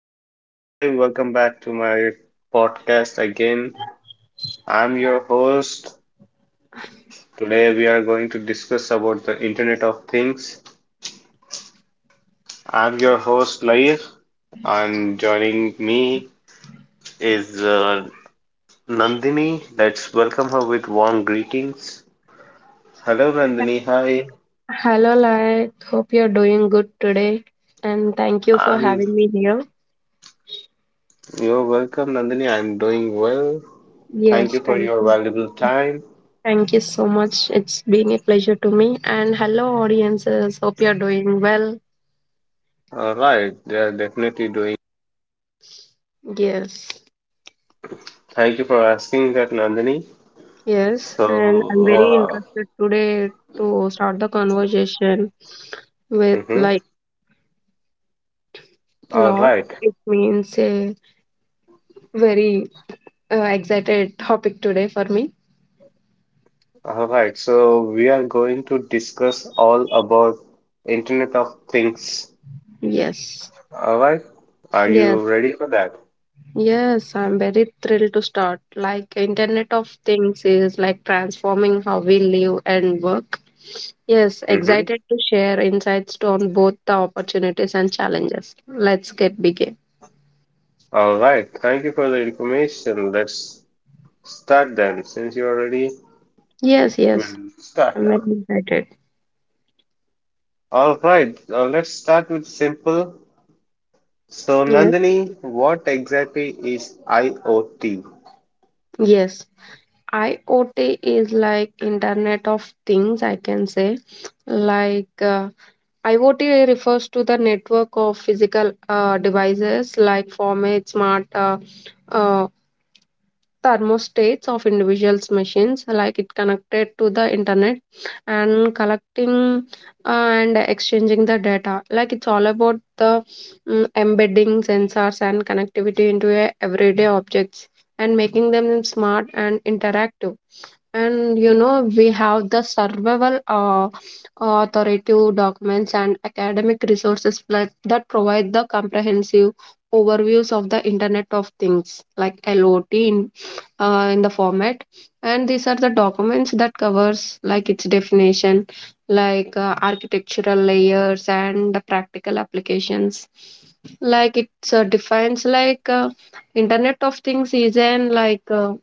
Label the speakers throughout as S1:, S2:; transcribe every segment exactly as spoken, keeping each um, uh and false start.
S1: listeners, hi, welcome back to my podcast again. I'm your host. Today we are going to discuss about the Internet of Things. I'm your host Lair and joining me is uh, Nandini. Let's welcome her with warm greetings. Hello Nandini, hi.
S2: Hello, Lalit. Hope you're doing good today. And thank you for
S1: I'm
S2: having me here.
S1: You're welcome Nandini. I'm doing well. Thank
S2: Yes,
S1: you for
S2: thank
S1: your
S2: you.
S1: valuable time.
S2: Thank you so much. It's been a pleasure to me. And hello, audiences. Hope you're doing well.
S1: All right, they are definitely doing.
S2: Yes,
S1: Thank you for asking that Nandini.
S2: yes.
S1: So,
S2: And I'm very
S1: uh,
S2: interested today to start the conversation with
S1: mhm.
S2: like
S1: All
S2: lot.
S1: right,
S2: It means a very uh, excited topic today for me.
S1: all right. So we are going to discuss all about Internet of Things.
S2: Yes.
S1: All right, are
S2: Yes.
S1: you ready for that?
S2: Yes, I'm very thrilled to start. Like Internet of Things is like transforming how we live and work. Yes,
S1: Mm-hmm.
S2: excited to share insights to on both the opportunities and challenges. Let's get begin.
S1: All right. Thank you for the information. Let's start then. Since you're ready,
S2: Yes,
S1: we'll
S2: yes.
S1: start
S2: I'm very
S1: now.
S2: excited.
S1: All right. Now let's start with simple. So
S2: Yes.
S1: Nandini, what exactly is IoT?
S2: Yes. IoT is like Internet of Things, I can say. Like uh, IoT refers to the network of physical uh, devices like formats, smart uh, uh, thermostats of individuals machines like it connected to the internet and collecting uh, and exchanging the data like it's all about the mm, embedding sensors and connectivity into a everyday objects and making them smart and interactive, and you know we have the survival uh, authoritative documents and academic resources pla- that provide the comprehensive overviews of the internet of things like lot in, uh, in the format, and these are the documents that covers like its definition, like uh, architectural layers and the practical applications. Like it uh, defines like uh, internet of things is an like uh,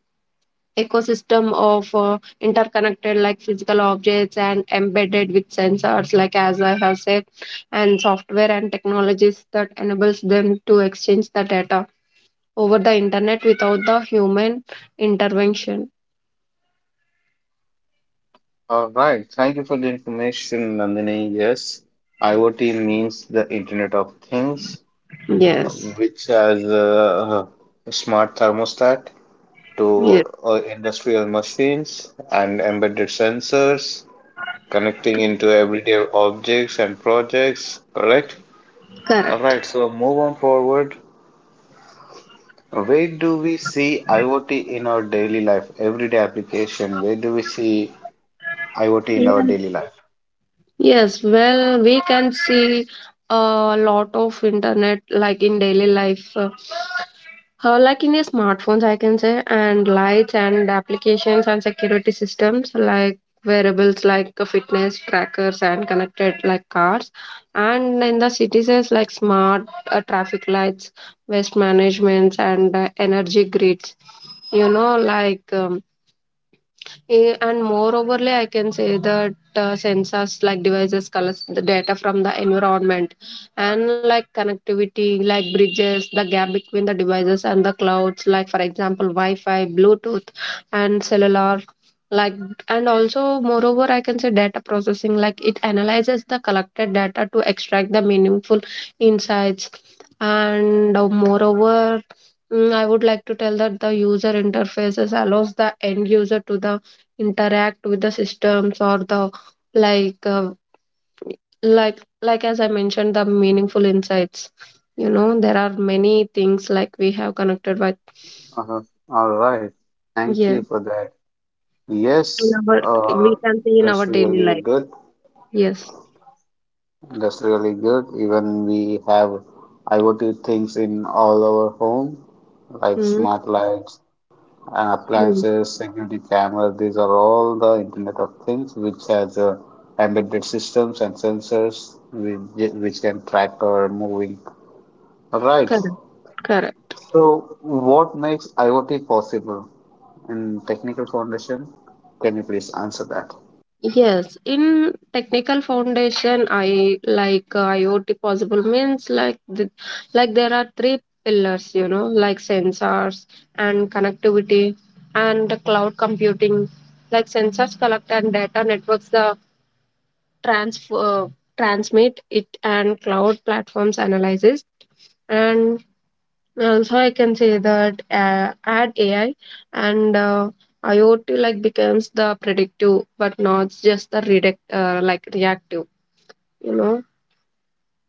S2: ecosystem of uh, interconnected like physical objects and embedded with sensors like as I have said, and software and technologies that enables them to exchange the data over the internet without the human intervention.
S1: All right, thank you for the information, Nandini. Yes, IoT means the Internet of Things,
S2: Yes.
S1: which has a, a smart thermostat
S2: Yes.
S1: to uh, industrial machines and embedded sensors connecting into everyday objects and projects, correct? All
S2: Correct.
S1: right, so move on forward. Where do we see IoT in our daily life, everyday application? Where do we see IoT in our
S2: Yeah.
S1: daily life?
S2: Yes, well, we can see a lot of internet like in daily life. Uh, uh, like in your smartphones, I can say, and lights and applications and security systems, like wearables like uh, fitness trackers and connected like cars, and in the cities is like smart uh, traffic lights, waste management and uh, energy grids, you know, like um, Eh, And moreoverly, I can say that uh, sensors like devices collects the data from the environment, and like connectivity, like bridges, the gap between the devices and the clouds, like for example, Wi-Fi, Bluetooth, and cellular. Like and also, moreover, I can say data processing, like it analyzes the collected data to extract the meaningful insights. And uh, moreover, Mm, I would like to tell that the user interfaces allows the end user to the interact with the systems or the like uh, like like as I mentioned the meaningful insights. You know there are many things like we have connected with.
S1: Uh, all right. Thank
S2: Yeah.
S1: you for that.
S2: in
S1: Yes,
S2: our
S1: uh,
S2: We can see in our
S1: that's
S2: daily
S1: really
S2: life.
S1: good.
S2: Yes.
S1: That's really good. Even we have IoT things in all our home, like
S2: Mm-hmm.
S1: smart lights and
S2: Mm-hmm.
S1: appliances, security cameras. These are all the Internet of Things, which has uh, embedded systems and sensors which, which can track our moving. All right.
S2: Correct. Correct.
S1: So, what makes IoT possible in technical foundation? Can you please answer that?
S2: Yes, in technical foundation, I like uh, IoT possible means like the, like there are three pillars, you know, like sensors and connectivity and the cloud computing. Like sensors collect and data networks the transfer transmit it, and cloud platforms analyzes and uh, so I can say that uh, add A I and uh, IoT like becomes the predictive, but not just the redact, uh, like reactive. You know,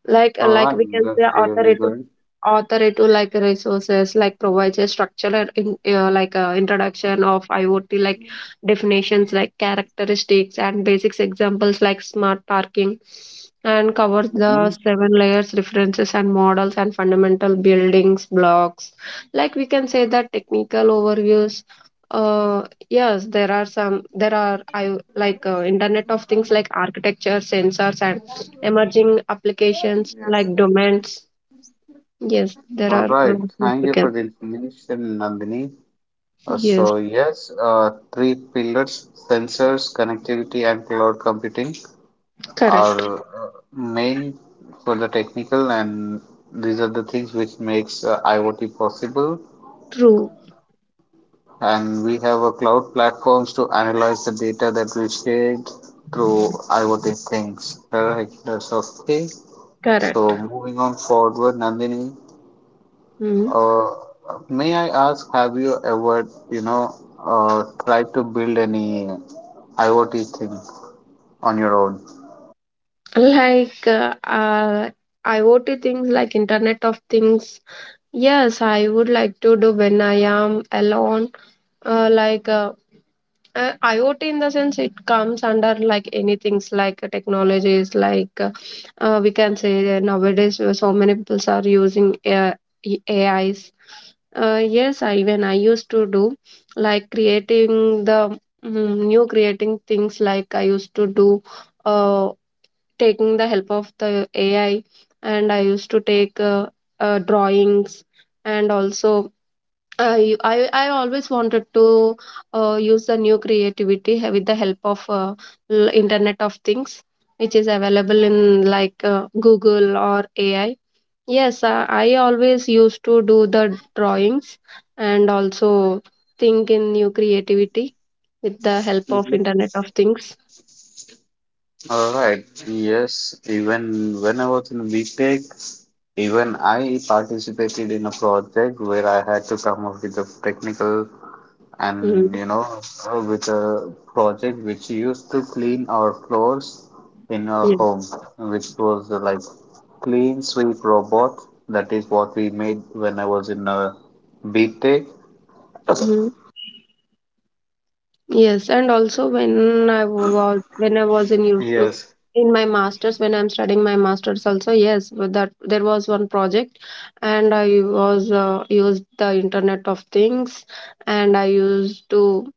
S2: like uh,
S1: All
S2: like
S1: right,
S2: we can say
S1: that's really
S2: authoritative
S1: good.
S2: authoritative like resources like provides a structural in, uh, like uh, introduction of IoT like definitions like characteristics and basics examples like smart parking, and covers
S1: hmm
S2: the seven layers references and models and fundamental buildings blocks, like we can say that technical overviews. Uh yes, there are some, there are I like uh, internet of things like architecture sensors and emerging applications like domains. Yes, there
S1: All
S2: are
S1: right,
S2: road
S1: thank you for
S2: significant.
S1: the information, Nandini. Uh,
S2: Yes,
S1: so, yes, uh, three pillars sensors, connectivity, and cloud computing
S2: correct.
S1: are uh, main for the technical, and these are the things which makes uh, IoT possible.
S2: True,
S1: And we have a cloud platforms to analyze the data that we shared through IoT things. Correct, that's okay.
S2: correct.
S1: So moving on forward, Nandini,
S2: Mm.
S1: uh, may I ask, have you ever, you know, uh, tried to build any IoT thing on your own?
S2: Like uh, uh, IoT things like Internet of Things. Yes, I would like to do when I am alone. Uh, like uh, Uh, IoT in the sense it comes under like anything's like uh, technologies like uh, uh, we can say that nowadays uh, so many people are using A I, A Is. Uh, yes, I, even I used to do like creating the mm, new creating things like I used to do uh, taking the help of the A I, and I used to take uh, uh, drawings, and also I I I always wanted to uh, use the new creativity h- with the help of uh, l- Internet of Things, which is available in like uh, Google or A I. Yes, uh, I always used to do the drawings, and also think in new creativity with the help of
S1: hmm
S2: Internet of Things.
S1: All right. Yes, even when I was in VTech, even I participated in a project where I had to come up with a technical
S2: Mm,
S1: and you know uh, with a project which used to clean our floors in our
S2: yeah.
S1: home which was uh, like clean sweep robot. That is what we made when I was in a btech.
S2: Mm-hmm. Yes, and also when I was when I was in used to
S1: yes
S2: in my masters when I'm studying my masters also. Yes, but that there was one project, and I was uh, used the Internet of Things, and I used to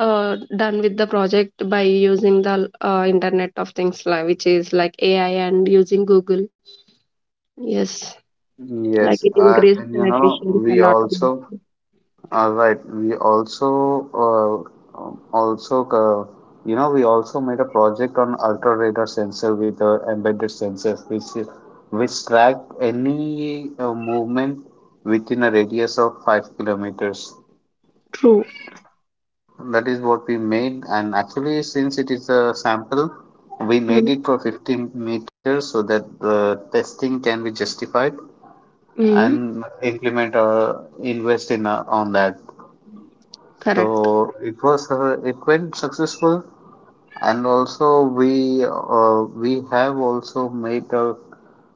S2: uh, done with the project by using the uh, Internet of Things li- which is like A I and using Google. Yes, like
S1: yes
S2: it
S1: uh,
S2: increased
S1: and
S2: the
S1: you know
S2: efficiency
S1: we
S2: a lot of
S1: also
S2: it.
S1: All right. We also uh, um, also uh, you know we also made a project on ultra radar sensor with a embedded sensors, which is- which track any uh, movement within a radius of five kilometers.
S2: True.
S1: That is what we made, and actually since it is a sample, we made it for fifteen meters so that the testing can be justified
S2: Mm-hmm.
S1: and implement or invest in uh, on that.
S2: Correct.
S1: So it was uh, it went successful, and also we uh, we have also made a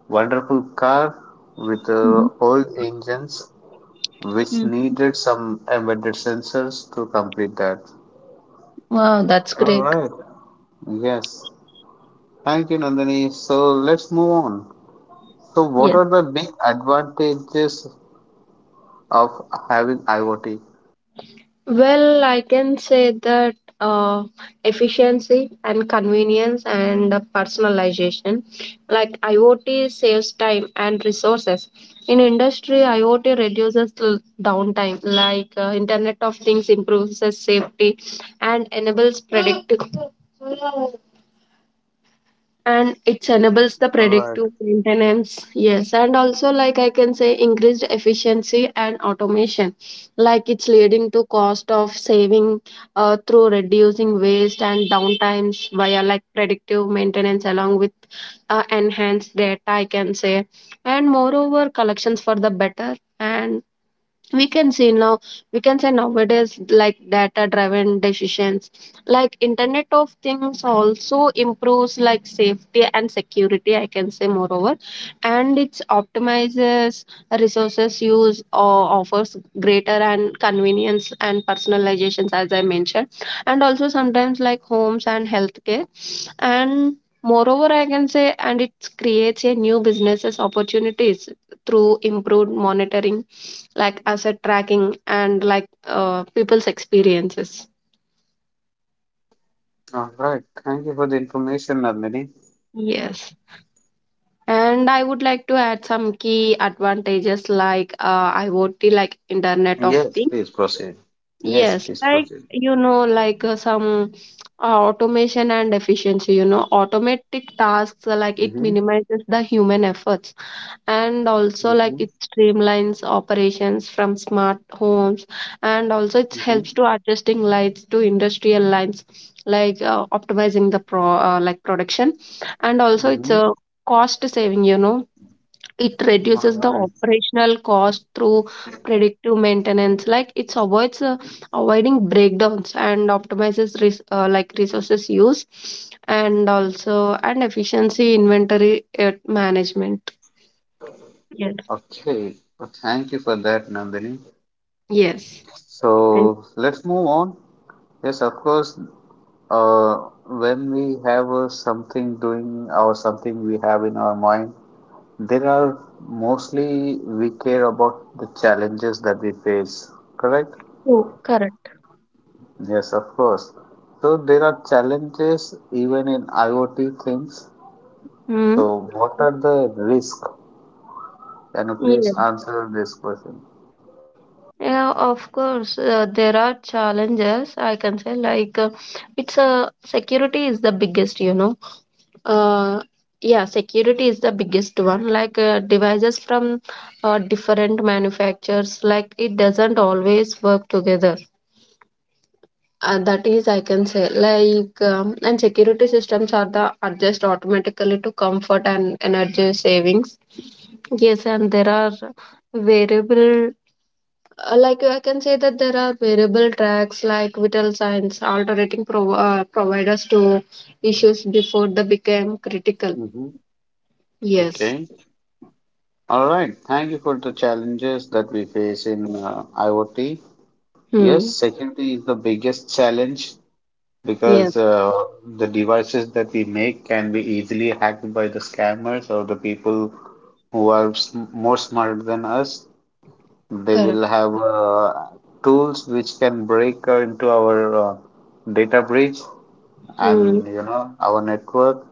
S1: wonderful car with uh,
S2: Mhm.
S1: old engines which
S2: Mm.
S1: needed some embedded sensors to complete that.
S2: Wow, that's great.
S1: Yes, thank you, Nandini. So let's move on. So what
S2: Yes.
S1: are the big advantages of having IoT?
S2: Well, I can say that uh, efficiency and convenience and uh, personalization. Like IoT saves time and resources. In industry, IoT reduces l- downtime, like uh, Internet of Things improves the safety and enables predictive, and it enables the
S1: All right,
S2: predictive maintenance. Yes, and also like I can say increased efficiency and automation, like it's leading to cost of saving uh, through reducing waste and downtimes via like predictive maintenance, along with uh, enhanced data I can say, and moreover collections for the better. And we can see now, we can say nowadays like data driven decisions, like internet of things also improves like safety and security I can say moreover, and it optimizes resources use or offers greater and convenience and personalizations as I mentioned, and also sometimes like homes and healthcare. And moreover I can say and it creates a new businesses opportunities through improved monitoring, like asset tracking and like uh, people's experiences.
S1: all right. Thank you for the information, Nandini.
S2: Yes, and I would like to add some key advantages like uh, IoT like internet of
S1: Yes,
S2: things.
S1: please proceed. Yes,
S2: Yes,
S1: please
S2: like
S1: proceed.
S2: you know like uh, some uh, automation and efficiency, you know automatic tasks uh, like it
S1: Mhm,
S2: minimizes the human efforts, and also like
S1: mhm,
S2: it streamlines operations from smart homes, and also it
S1: mhm,
S2: helps to adjusting lights to industrial lines, like uh, optimizing the pro uh, like production. And also it's
S1: mhm.
S2: a cost saving, you know it reduces
S1: All
S2: the
S1: right.
S2: operational cost through predictive maintenance, like it's avoids uh, avoiding breakdowns and optimizes res- uh, like resources use, and also and efficiency inventory uh, management. Yes.
S1: Okay. Well, thank you for that, Nandini.
S2: Yes. And
S1: So let's move on. Yes, of course. Uh, when we have uh, something doing or something we have in our mind, there are mostly we care about the challenges that we face. Correct?
S2: true, correct.
S1: Yes, of course. So there are challenges even in IoT things.
S2: Hmm.
S1: So what are the risks? Can you please
S2: Yeah.
S1: answer this question?
S2: Yeah, of course, uh, there are challenges. I can say, like, uh, it's a security is the biggest, you know. Uh, yeah, security is the biggest one. Like, uh, devices from uh, different manufacturers, like, it doesn't always work together. Uh, that is, I can say, like, um, and security systems are the adjust automatically to comfort and energy savings. Yes, and there are variable. Uh, like I can say that there are variable tracks like vital signs alternating prov- uh, providers to issues before they became critical.
S1: Mm-hmm.
S2: Yes.
S1: Okay. All right. Thank you for the challenges that we face in uh, IoT. Yes,
S2: Hmm.
S1: security is the biggest challenge
S2: Yes.
S1: because uh, the devices that we make can be easily hacked by the scammers or the people who are sm- more smarter than us. They
S2: Correct.
S1: will have uh, tools which can break uh, into our uh, data breach
S2: Hmm.
S1: and you know our network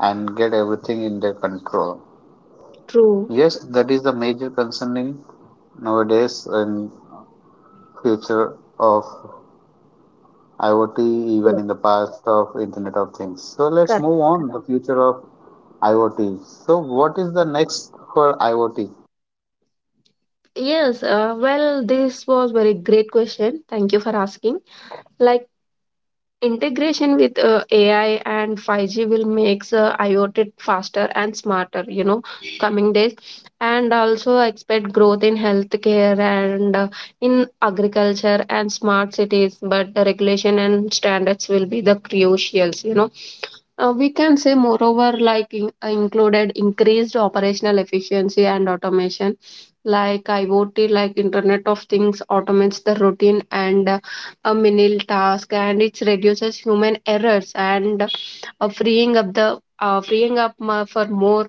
S1: and get everything in their control.
S2: True.
S1: Yes, that is the major concerning nowadays in future of IoT, even
S2: Yes.
S1: in the past of Internet of Things. So let's
S2: Correct.
S1: move on
S2: Correct.
S1: the future of IoT. So what is the next for IoT?
S2: Yes, uh, well, this was very great question. Thank you for asking. Like integration with uh, A I and five G will makes uh, IoT faster and smarter, you know, coming days. And also expect growth in healthcare and uh, in agriculture and smart cities, but the regulation and standards will be the crucials, you know. Uh, we can say moreover like in, uh, included increased operational efficiency and automation, like IoT like internet of things automates the routine and uh, a menial task, and it reduces human errors and uh, freeing up the uh, freeing up ma- for more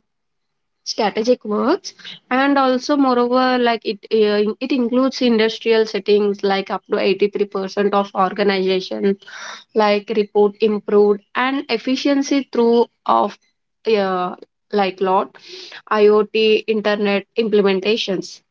S2: strategic works. And also moreover like it uh, it includes industrial settings like up to eighty-three percent of organization like report improved and efficiency through of uh, like lot IoT internet implementations.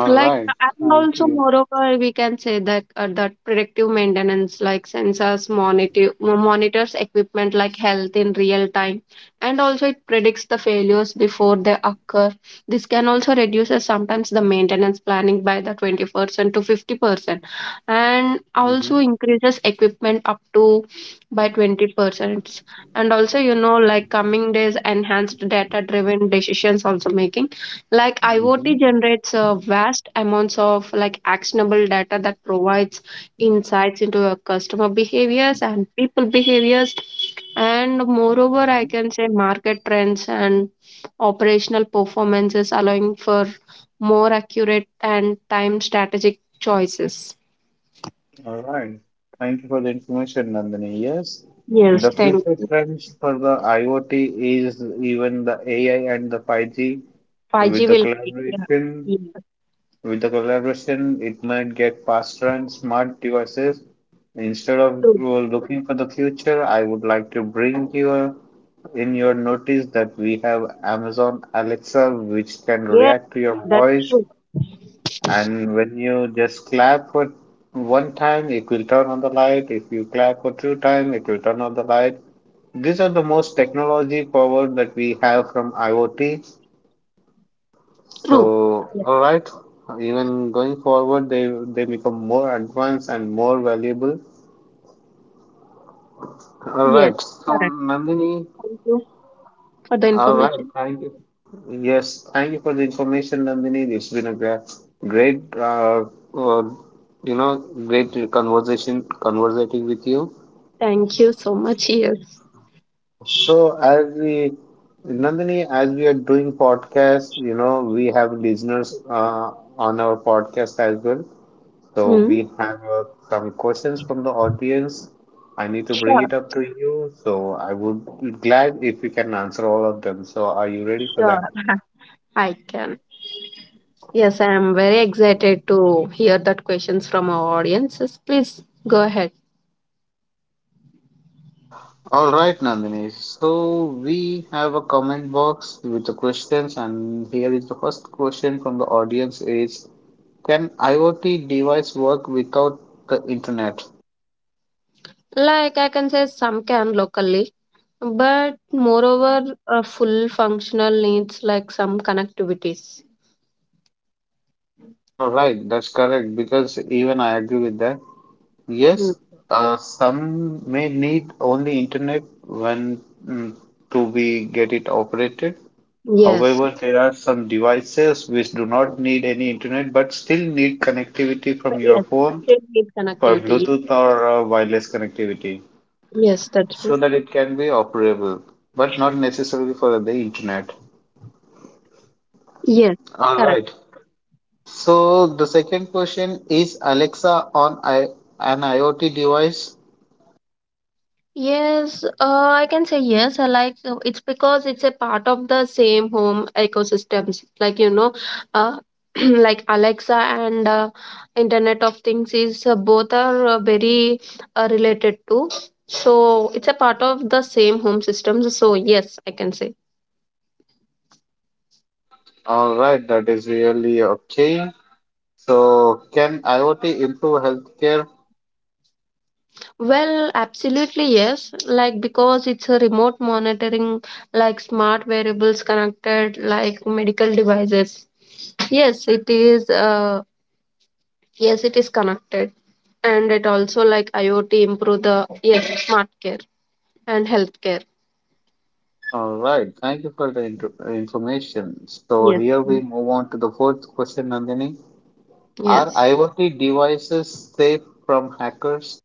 S1: All
S2: Like,
S1: right.
S2: and
S1: I
S2: also
S1: see.
S2: moreover we can say that uh, that predictive maintenance like sensors monitor monitors equipment like health in real time, and also it predicts the failures before they occur. This can also reduces sometimes the maintenance planning by the twenty percent to fifty percent, and also
S1: Mhm,
S2: increases equipment up to by twenty percent. And also you know like coming days enhanced data driven decisions also making, like IoT
S1: mhm,
S2: generates uh, vast amounts of like actionable data that provides insights into your customer behaviors and people behaviors. And moreover I
S1: mhm.
S2: can say market trends and operational performances allowing for more accurate and time strategic choices.
S1: All right. Thank you for the information, Nandini. Yes,
S2: Yes,
S1: the
S2: thank
S1: future
S2: you.
S1: trends for the IoT is even the A I and the five G.
S2: five G
S1: With the
S2: will be, yeah.
S1: collaboration,
S2: Yeah.
S1: with the collaboration, it might get faster and smart devices. Instead of
S2: True.
S1: uh, looking for the future, I would like to bring your in your notice that we have Amazon Alexa, which can
S2: Yeah,
S1: react to your
S2: that's
S1: voice
S2: true.
S1: and when you just clap for one time, it will turn on the light. If you clap for two times, it will turn on the light. These are the most technology forward that we have from IoT.
S2: True.
S1: So,
S2: Yes.
S1: all right, even going forward, they they become more advanced and more valuable. All
S2: Yes.
S1: right, so
S2: Correct.
S1: Nandini,
S2: Thank you for the
S1: all right.
S2: information.
S1: Thank you. Yes. Thank you for the information, Nandini. It's been a great, great, uh, uh, you know, great conversation, conversating with you.
S2: Thank you so much. Yes.
S1: So as we, Nandini, as we are doing podcast, you know, we have listeners uh, on our podcast as well. So
S2: Mm,
S1: we have uh, some questions from the audience. I need to bring
S2: sure,
S1: it up to you. So I would be glad if you can answer all of them. So are you ready for
S2: sure.
S1: that?
S2: I can. Yes, I am very excited to hear that questions from our audiences. Please go ahead.
S1: All right, Nandini. So we have a comment box with the questions, and here is the first question from the audience is, can IoT device work without the internet?
S2: Like I can say some can locally, but moreover, uh, full functional needs like some connectivities.
S1: All right, that's correct because even I agree with that.
S2: Mm.
S1: Yes, uh, some may need only internet when mm, to be get it operated.
S2: Yes.
S1: However, there are some devices which do not need any internet but still need connectivity from your
S2: Yes.
S1: phone
S2: Still need
S1: for
S2: connectivity.
S1: Bluetooth or uh, wireless connectivity
S2: Yes, that's
S1: so
S2: true.
S1: that it can be operable, but not necessarily for the internet.
S2: Yes.
S1: All
S2: Correct.
S1: right. So the second question is Alexa on I- an IoT device?
S2: Yes, uh, I can say yes. I like uh, it's because it's a part of the same home ecosystems. Like you know, uh, like Alexa and uh, Internet of Things is uh, both are uh, very uh, related to. So it's a part of the same home systems. So yes, I can say.
S1: All right, that is really okay. So can IoT improve healthcare?
S2: Well, absolutely yes. Like because it's a remote monitoring, like smart variables connected, like medical devices. Yes, it is. Uh, Yes, it is connected, and it also like IoT improve the yes smart care and healthcare.
S1: All right, thank you for the inter- information. So
S2: Yes.
S1: here we move on to the fourth question, Nandini. Are
S2: Yes.
S1: IoT devices safe from hackers?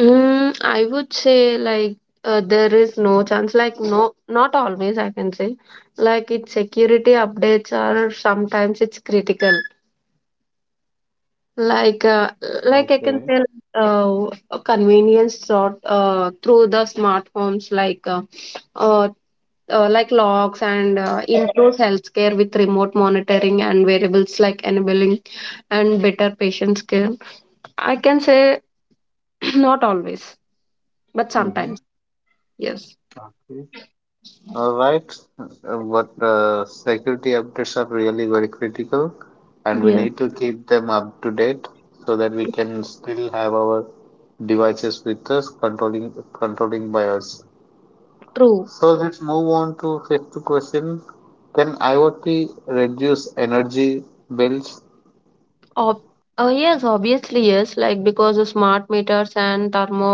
S2: Mm, I would say like uh, there is no chance, like no, not always I can say. Like its security updates are sometimes it's critical. Like uh, like I can
S1: Okay.
S2: say uh, convenience sort uh, through the smart homes like uh, uh, uh, like logs and uh, improves healthcare with remote monitoring and variables like enabling and better patient care. I can say not always, but
S1: Mm-hmm.
S2: sometimes. Yes.
S1: All right, Uh, but uh, security updates are really very critical, and we
S2: Yeah,
S1: need to keep them up to date so that we can still have our devices with us, controlling controlling by us.
S2: true.
S1: So let's move on to fifth question: can IoT reduce energy bills?
S2: Ob uh, Yes, obviously yes. Like because the smart meters and thermo,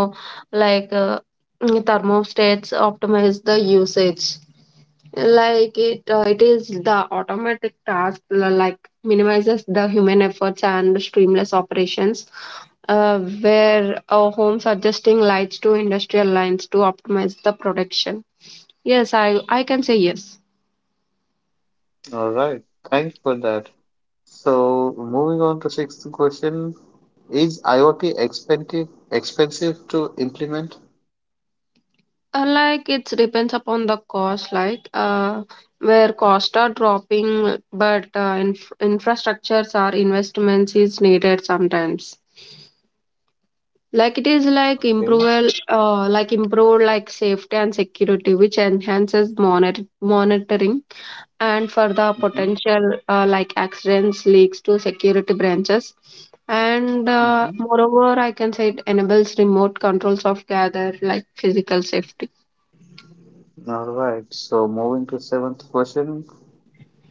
S2: like uh, mm, thermostats optimize the usage. Like it, uh, it is the automatic task li- like minimizes the human efforts and streamless operations. Uh, where our homes adjusting lights to industrial lines to optimize the production. Yes, I I can say yes.
S1: All right, thanks for that. So moving on to sixth question: Is IoT expensive expensive to implement?
S2: Uh, like it depends upon the cost, like uh, where costs are dropping, but uh, inf- infrastructures or investments is needed sometimes. Like it is like
S1: Okay.
S2: improve, uh, like improve like safety and security, which enhances monitor- monitoring and for the
S1: Mm-hmm.
S2: potential uh, like accidents leaks to security branches. And uh,
S1: Mm-hmm.
S2: moreover, I can say it enables remote controls of gather like physical safety.
S1: All right. So moving to seventh question,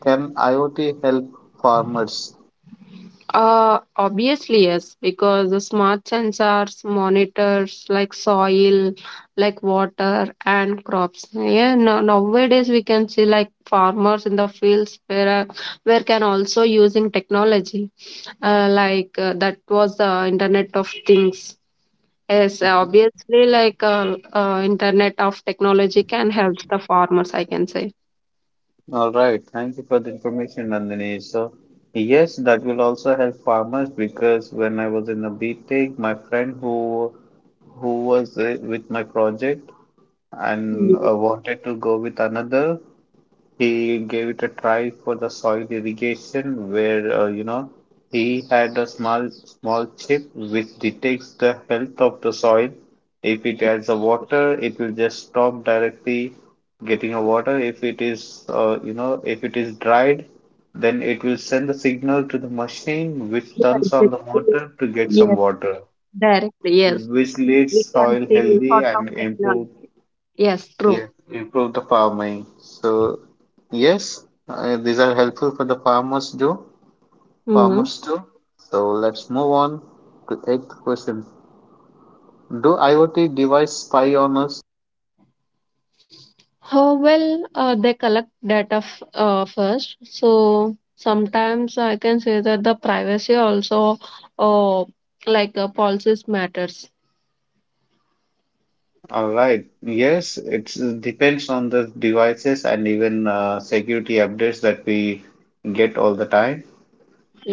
S1: can IoT help farmers?
S2: Uh, obviously, yes, because the smart sensors monitors like soil, like water and crops. Yeah, no, nowadays we can see like farmers in the fields where uh, where can also using technology. Uh, like uh, that was the Internet of Things. Yes,
S1: Mhm.
S2: obviously, like uh, uh, Internet of Technology can help the farmers. I can say.
S1: All right. Thank you for the information, Nandini. So yes, that will also help farmers because when I was in the BTech, my friend who who was uh, with my project and
S2: Mm,
S1: uh, wanted to go with another. He gave it a try for the soil irrigation, where uh, you know he had a small small chip which detects the health of the soil. If it has a water, it will just stop directly getting a water. If it is uh, you know if it is dried, then it will send a signal to the machine which
S2: yeah,
S1: turns on the
S2: exactly.
S1: motor to get some
S2: Yes,
S1: water,
S2: directly. Yes,
S1: which leaves
S2: we can
S1: soil
S2: see
S1: healthy
S2: sort of
S1: and
S2: technology.
S1: improves.
S2: Yes, true.
S1: Yes, improve the farming. So, yes, uh, these are helpful for the farmers too.
S2: Hmm.
S1: Farmers too. So let's move on to eighth question. Do IoT device spy on us?
S2: How well uh, they collect data f- uh, first. So sometimes I can say that the privacy also, uh, like uh, policies matters.
S1: All right. Yes, it depends on the devices and even uh, security updates that we get all the time.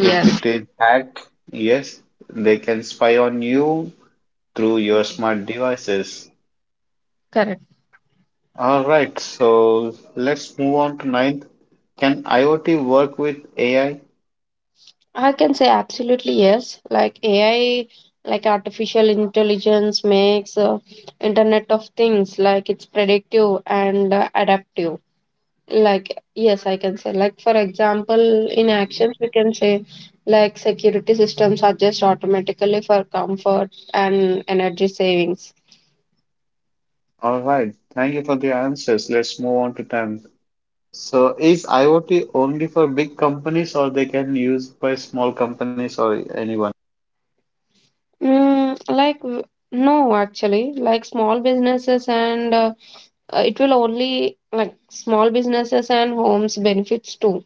S1: If it is hacked, yes, they can spy on you through your smart devices.
S2: correct.
S1: All right, so let's move on to ninth. Can IoT work with A I?
S2: I can say absolutely yes. Like A I, like artificial intelligence makes uh, Internet of Things like it's predictive and uh, adaptive. Like, yes, I can say, like, for example, in actions, we can say, like, security systems adjust automatically for comfort and energy savings.
S1: All right, thank you for the answers. Let's move on to tenth. So is IoT only for big companies or they can use by small companies or anyone?
S2: Mm, like, w- no, actually, like, small businesses and uh, uh, it will only, like, small businesses and homes benefits too.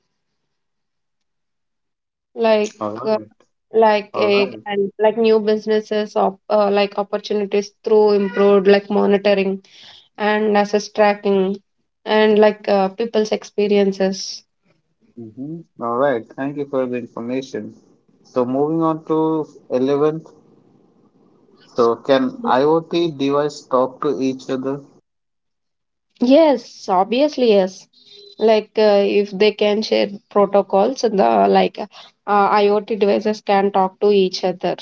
S2: Like,
S1: All
S2: uh,
S1: right,
S2: like
S1: all
S2: a
S1: right.
S2: and like new businesses op, uh, like opportunities through improved like monitoring and assess tracking and like uh, people's experiences.
S1: Mm-hmm. All right, thank you for the information. So moving on to eleventh. So can IoT device talk to each other?
S2: Yes, obviously, yes. Like uh, if they can share protocols, the like uh, IoT devices can talk to each other.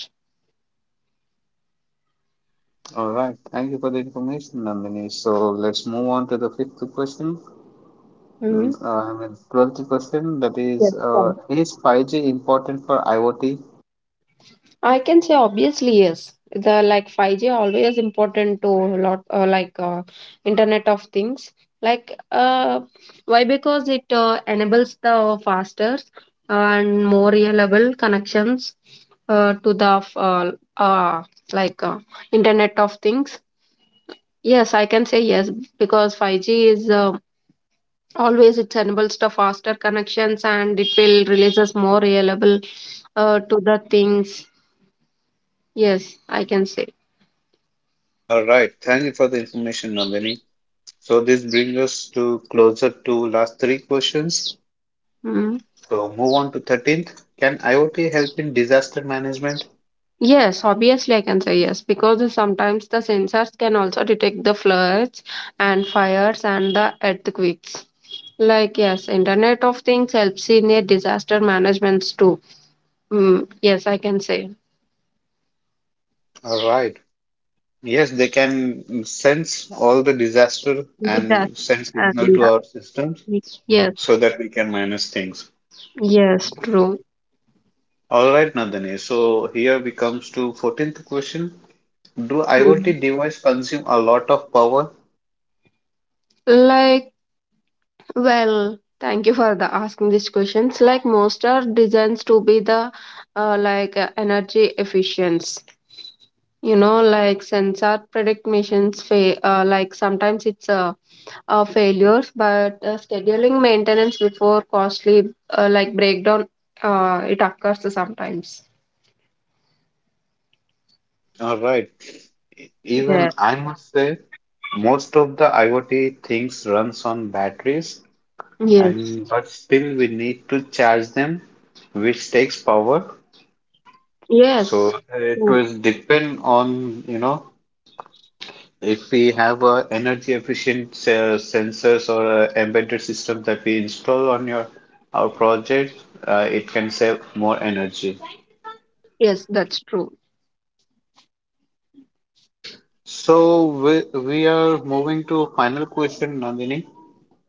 S1: All right, thank you for the information, Nandini. So let's move on to the fifth question.
S2: Mhm.
S1: Mm, uh, I mean, twelfth question that is,
S2: Yes,
S1: uh, is five G important for IoT?
S2: I can say obviously yes. The like five G always important to a lot uh, like uh, Internet of Things. Like uh, why? Because it uh, enables the faster and more reliable connections uh, to the f- uh, uh, like uh, Internet of Things. Yes, I can say yes because five G is uh, always it enables the faster connections and it will releases more reliable uh, to the things. Yes, I can say.
S1: All right, thank you for the information, Nandini. So this brings us to closer to last three questions.
S2: Mm.
S1: So move on to thirteenth. Can IoT help in disaster management?
S2: Yes, obviously I can say yes because the sometimes the sensors can also detect the floods and fires and the earthquakes. Like yes, Internet of Things helps in a disaster management too. Mm, yes, I can say
S1: All right. Yes, they can sense all the disaster
S2: disaster
S1: and send signal
S2: and
S1: to
S2: uh,
S1: our systems
S2: yes,
S1: so that we can manage things.
S2: yes, true.
S1: All right, Nandini. So here we comes to fourteenth question. Do
S2: Mm.
S1: IoT device consume a lot of power?
S2: Like well, thank you for the asking these questions. Like most are designed to be the uh, like uh, energy efficient. You know like sensor predict missions fa- uh, like sometimes it's uh, uh, failures but uh, scheduling maintenance before costly uh, like breakdown uh, it occurs sometimes.
S1: All right. Even
S2: Yeah.
S1: I must say, most of the IoT things runs on batteries,
S2: Yes.
S1: and but still we need to charge them, which takes power.
S2: Yes.
S1: So it
S2: Mm.
S1: will depend on, you know, if we have a energy efficient uh, sensors or a embedded system that we install on your our project, uh, it can save more energy.
S2: Yes, that's true.
S1: All right. So we, we are moving to final question, Nandini.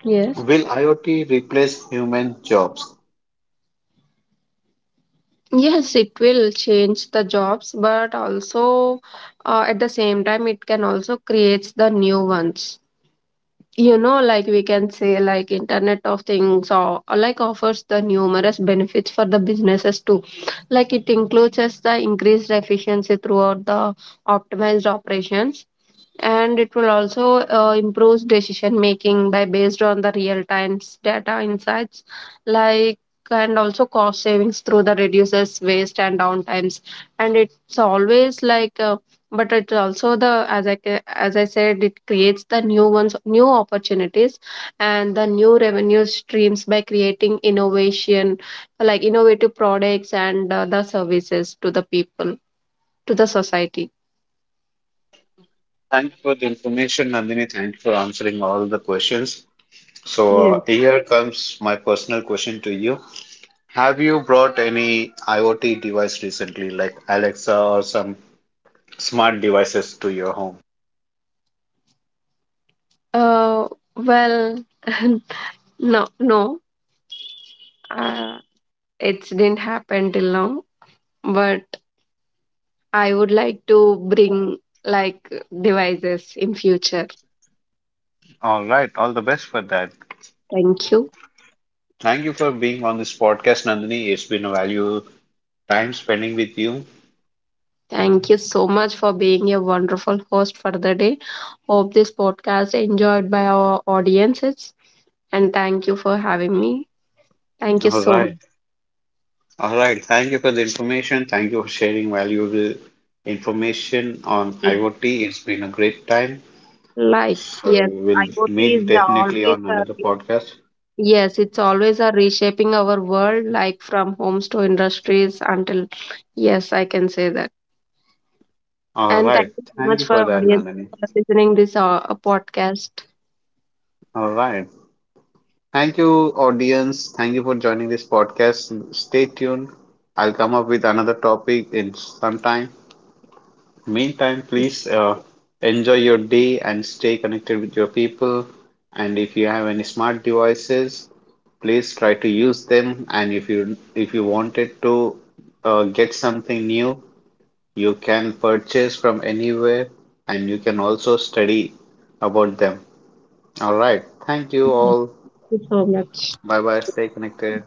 S2: Yes.
S1: Will IoT replace human jobs?
S2: Yes, it will change the jobs but also uh, at the same time it can also create the new ones. You know like we can say like internet of things or, or like offers the numerous benefits for the businesses too. Like it includes as the increased efficiency throughout the optimized operations, and it will also uh, improve decision making by based on the real time data insights. Like, and also cost savings through the reduces waste and downtimes. And it's always like uh, but it's also the as i ca- as I said, it creates the new ones, new opportunities and the new revenue streams by creating innovation, like innovative products and uh, the services to the people, to the society.
S1: Thanks for the information, Nandini. Thanks for answering all the questions. So
S2: Yes.
S1: uh, here comes my personal question to you. Have you brought any IoT device recently, like Alexa or some smart devices to your home?
S2: uh, well, No, no, uh, it didn't happen till now, but I would like to bring like devices in future.
S1: All right. All the best for that.
S2: Thank you.
S1: Thank you for being on this podcast, Nandini. It's been a value time spending with you.
S2: Thank you so much for being a wonderful host for the day. Hope this podcast enjoyed by our audiences, and thank you for having me. Thank you
S1: All
S2: so
S1: right. All right. Thank you for the information. Thank you for sharing valuable information on
S2: much.
S1: IoT. It's been a great time.
S2: Like,
S1: So
S2: yes,
S1: we'll
S2: IoT
S1: meet
S2: is
S1: definitely
S2: always
S1: on
S2: a,
S1: another podcast.
S2: yes, it's always a reshaping our world, like from homes to industries until, yes, I can say that.
S1: All
S2: And thank
S1: right.
S2: you so
S1: Thank
S2: much
S1: you
S2: for
S1: for that,
S2: audience
S1: Nandini.
S2: for listening this uh, podcast.
S1: All right. Thank you, audience. Thank you for joining this podcast. Stay tuned. I'll come up with another topic in some time. Meantime, please uh, enjoy your day and stay connected with your people. And if you have any smart devices, please try to use them. And if you if you wanted to uh, get something new, you can purchase from anywhere, and you can also study about them. All right. Thank you
S2: Thank
S1: all.
S2: you so much.
S1: Bye bye. Stay connected.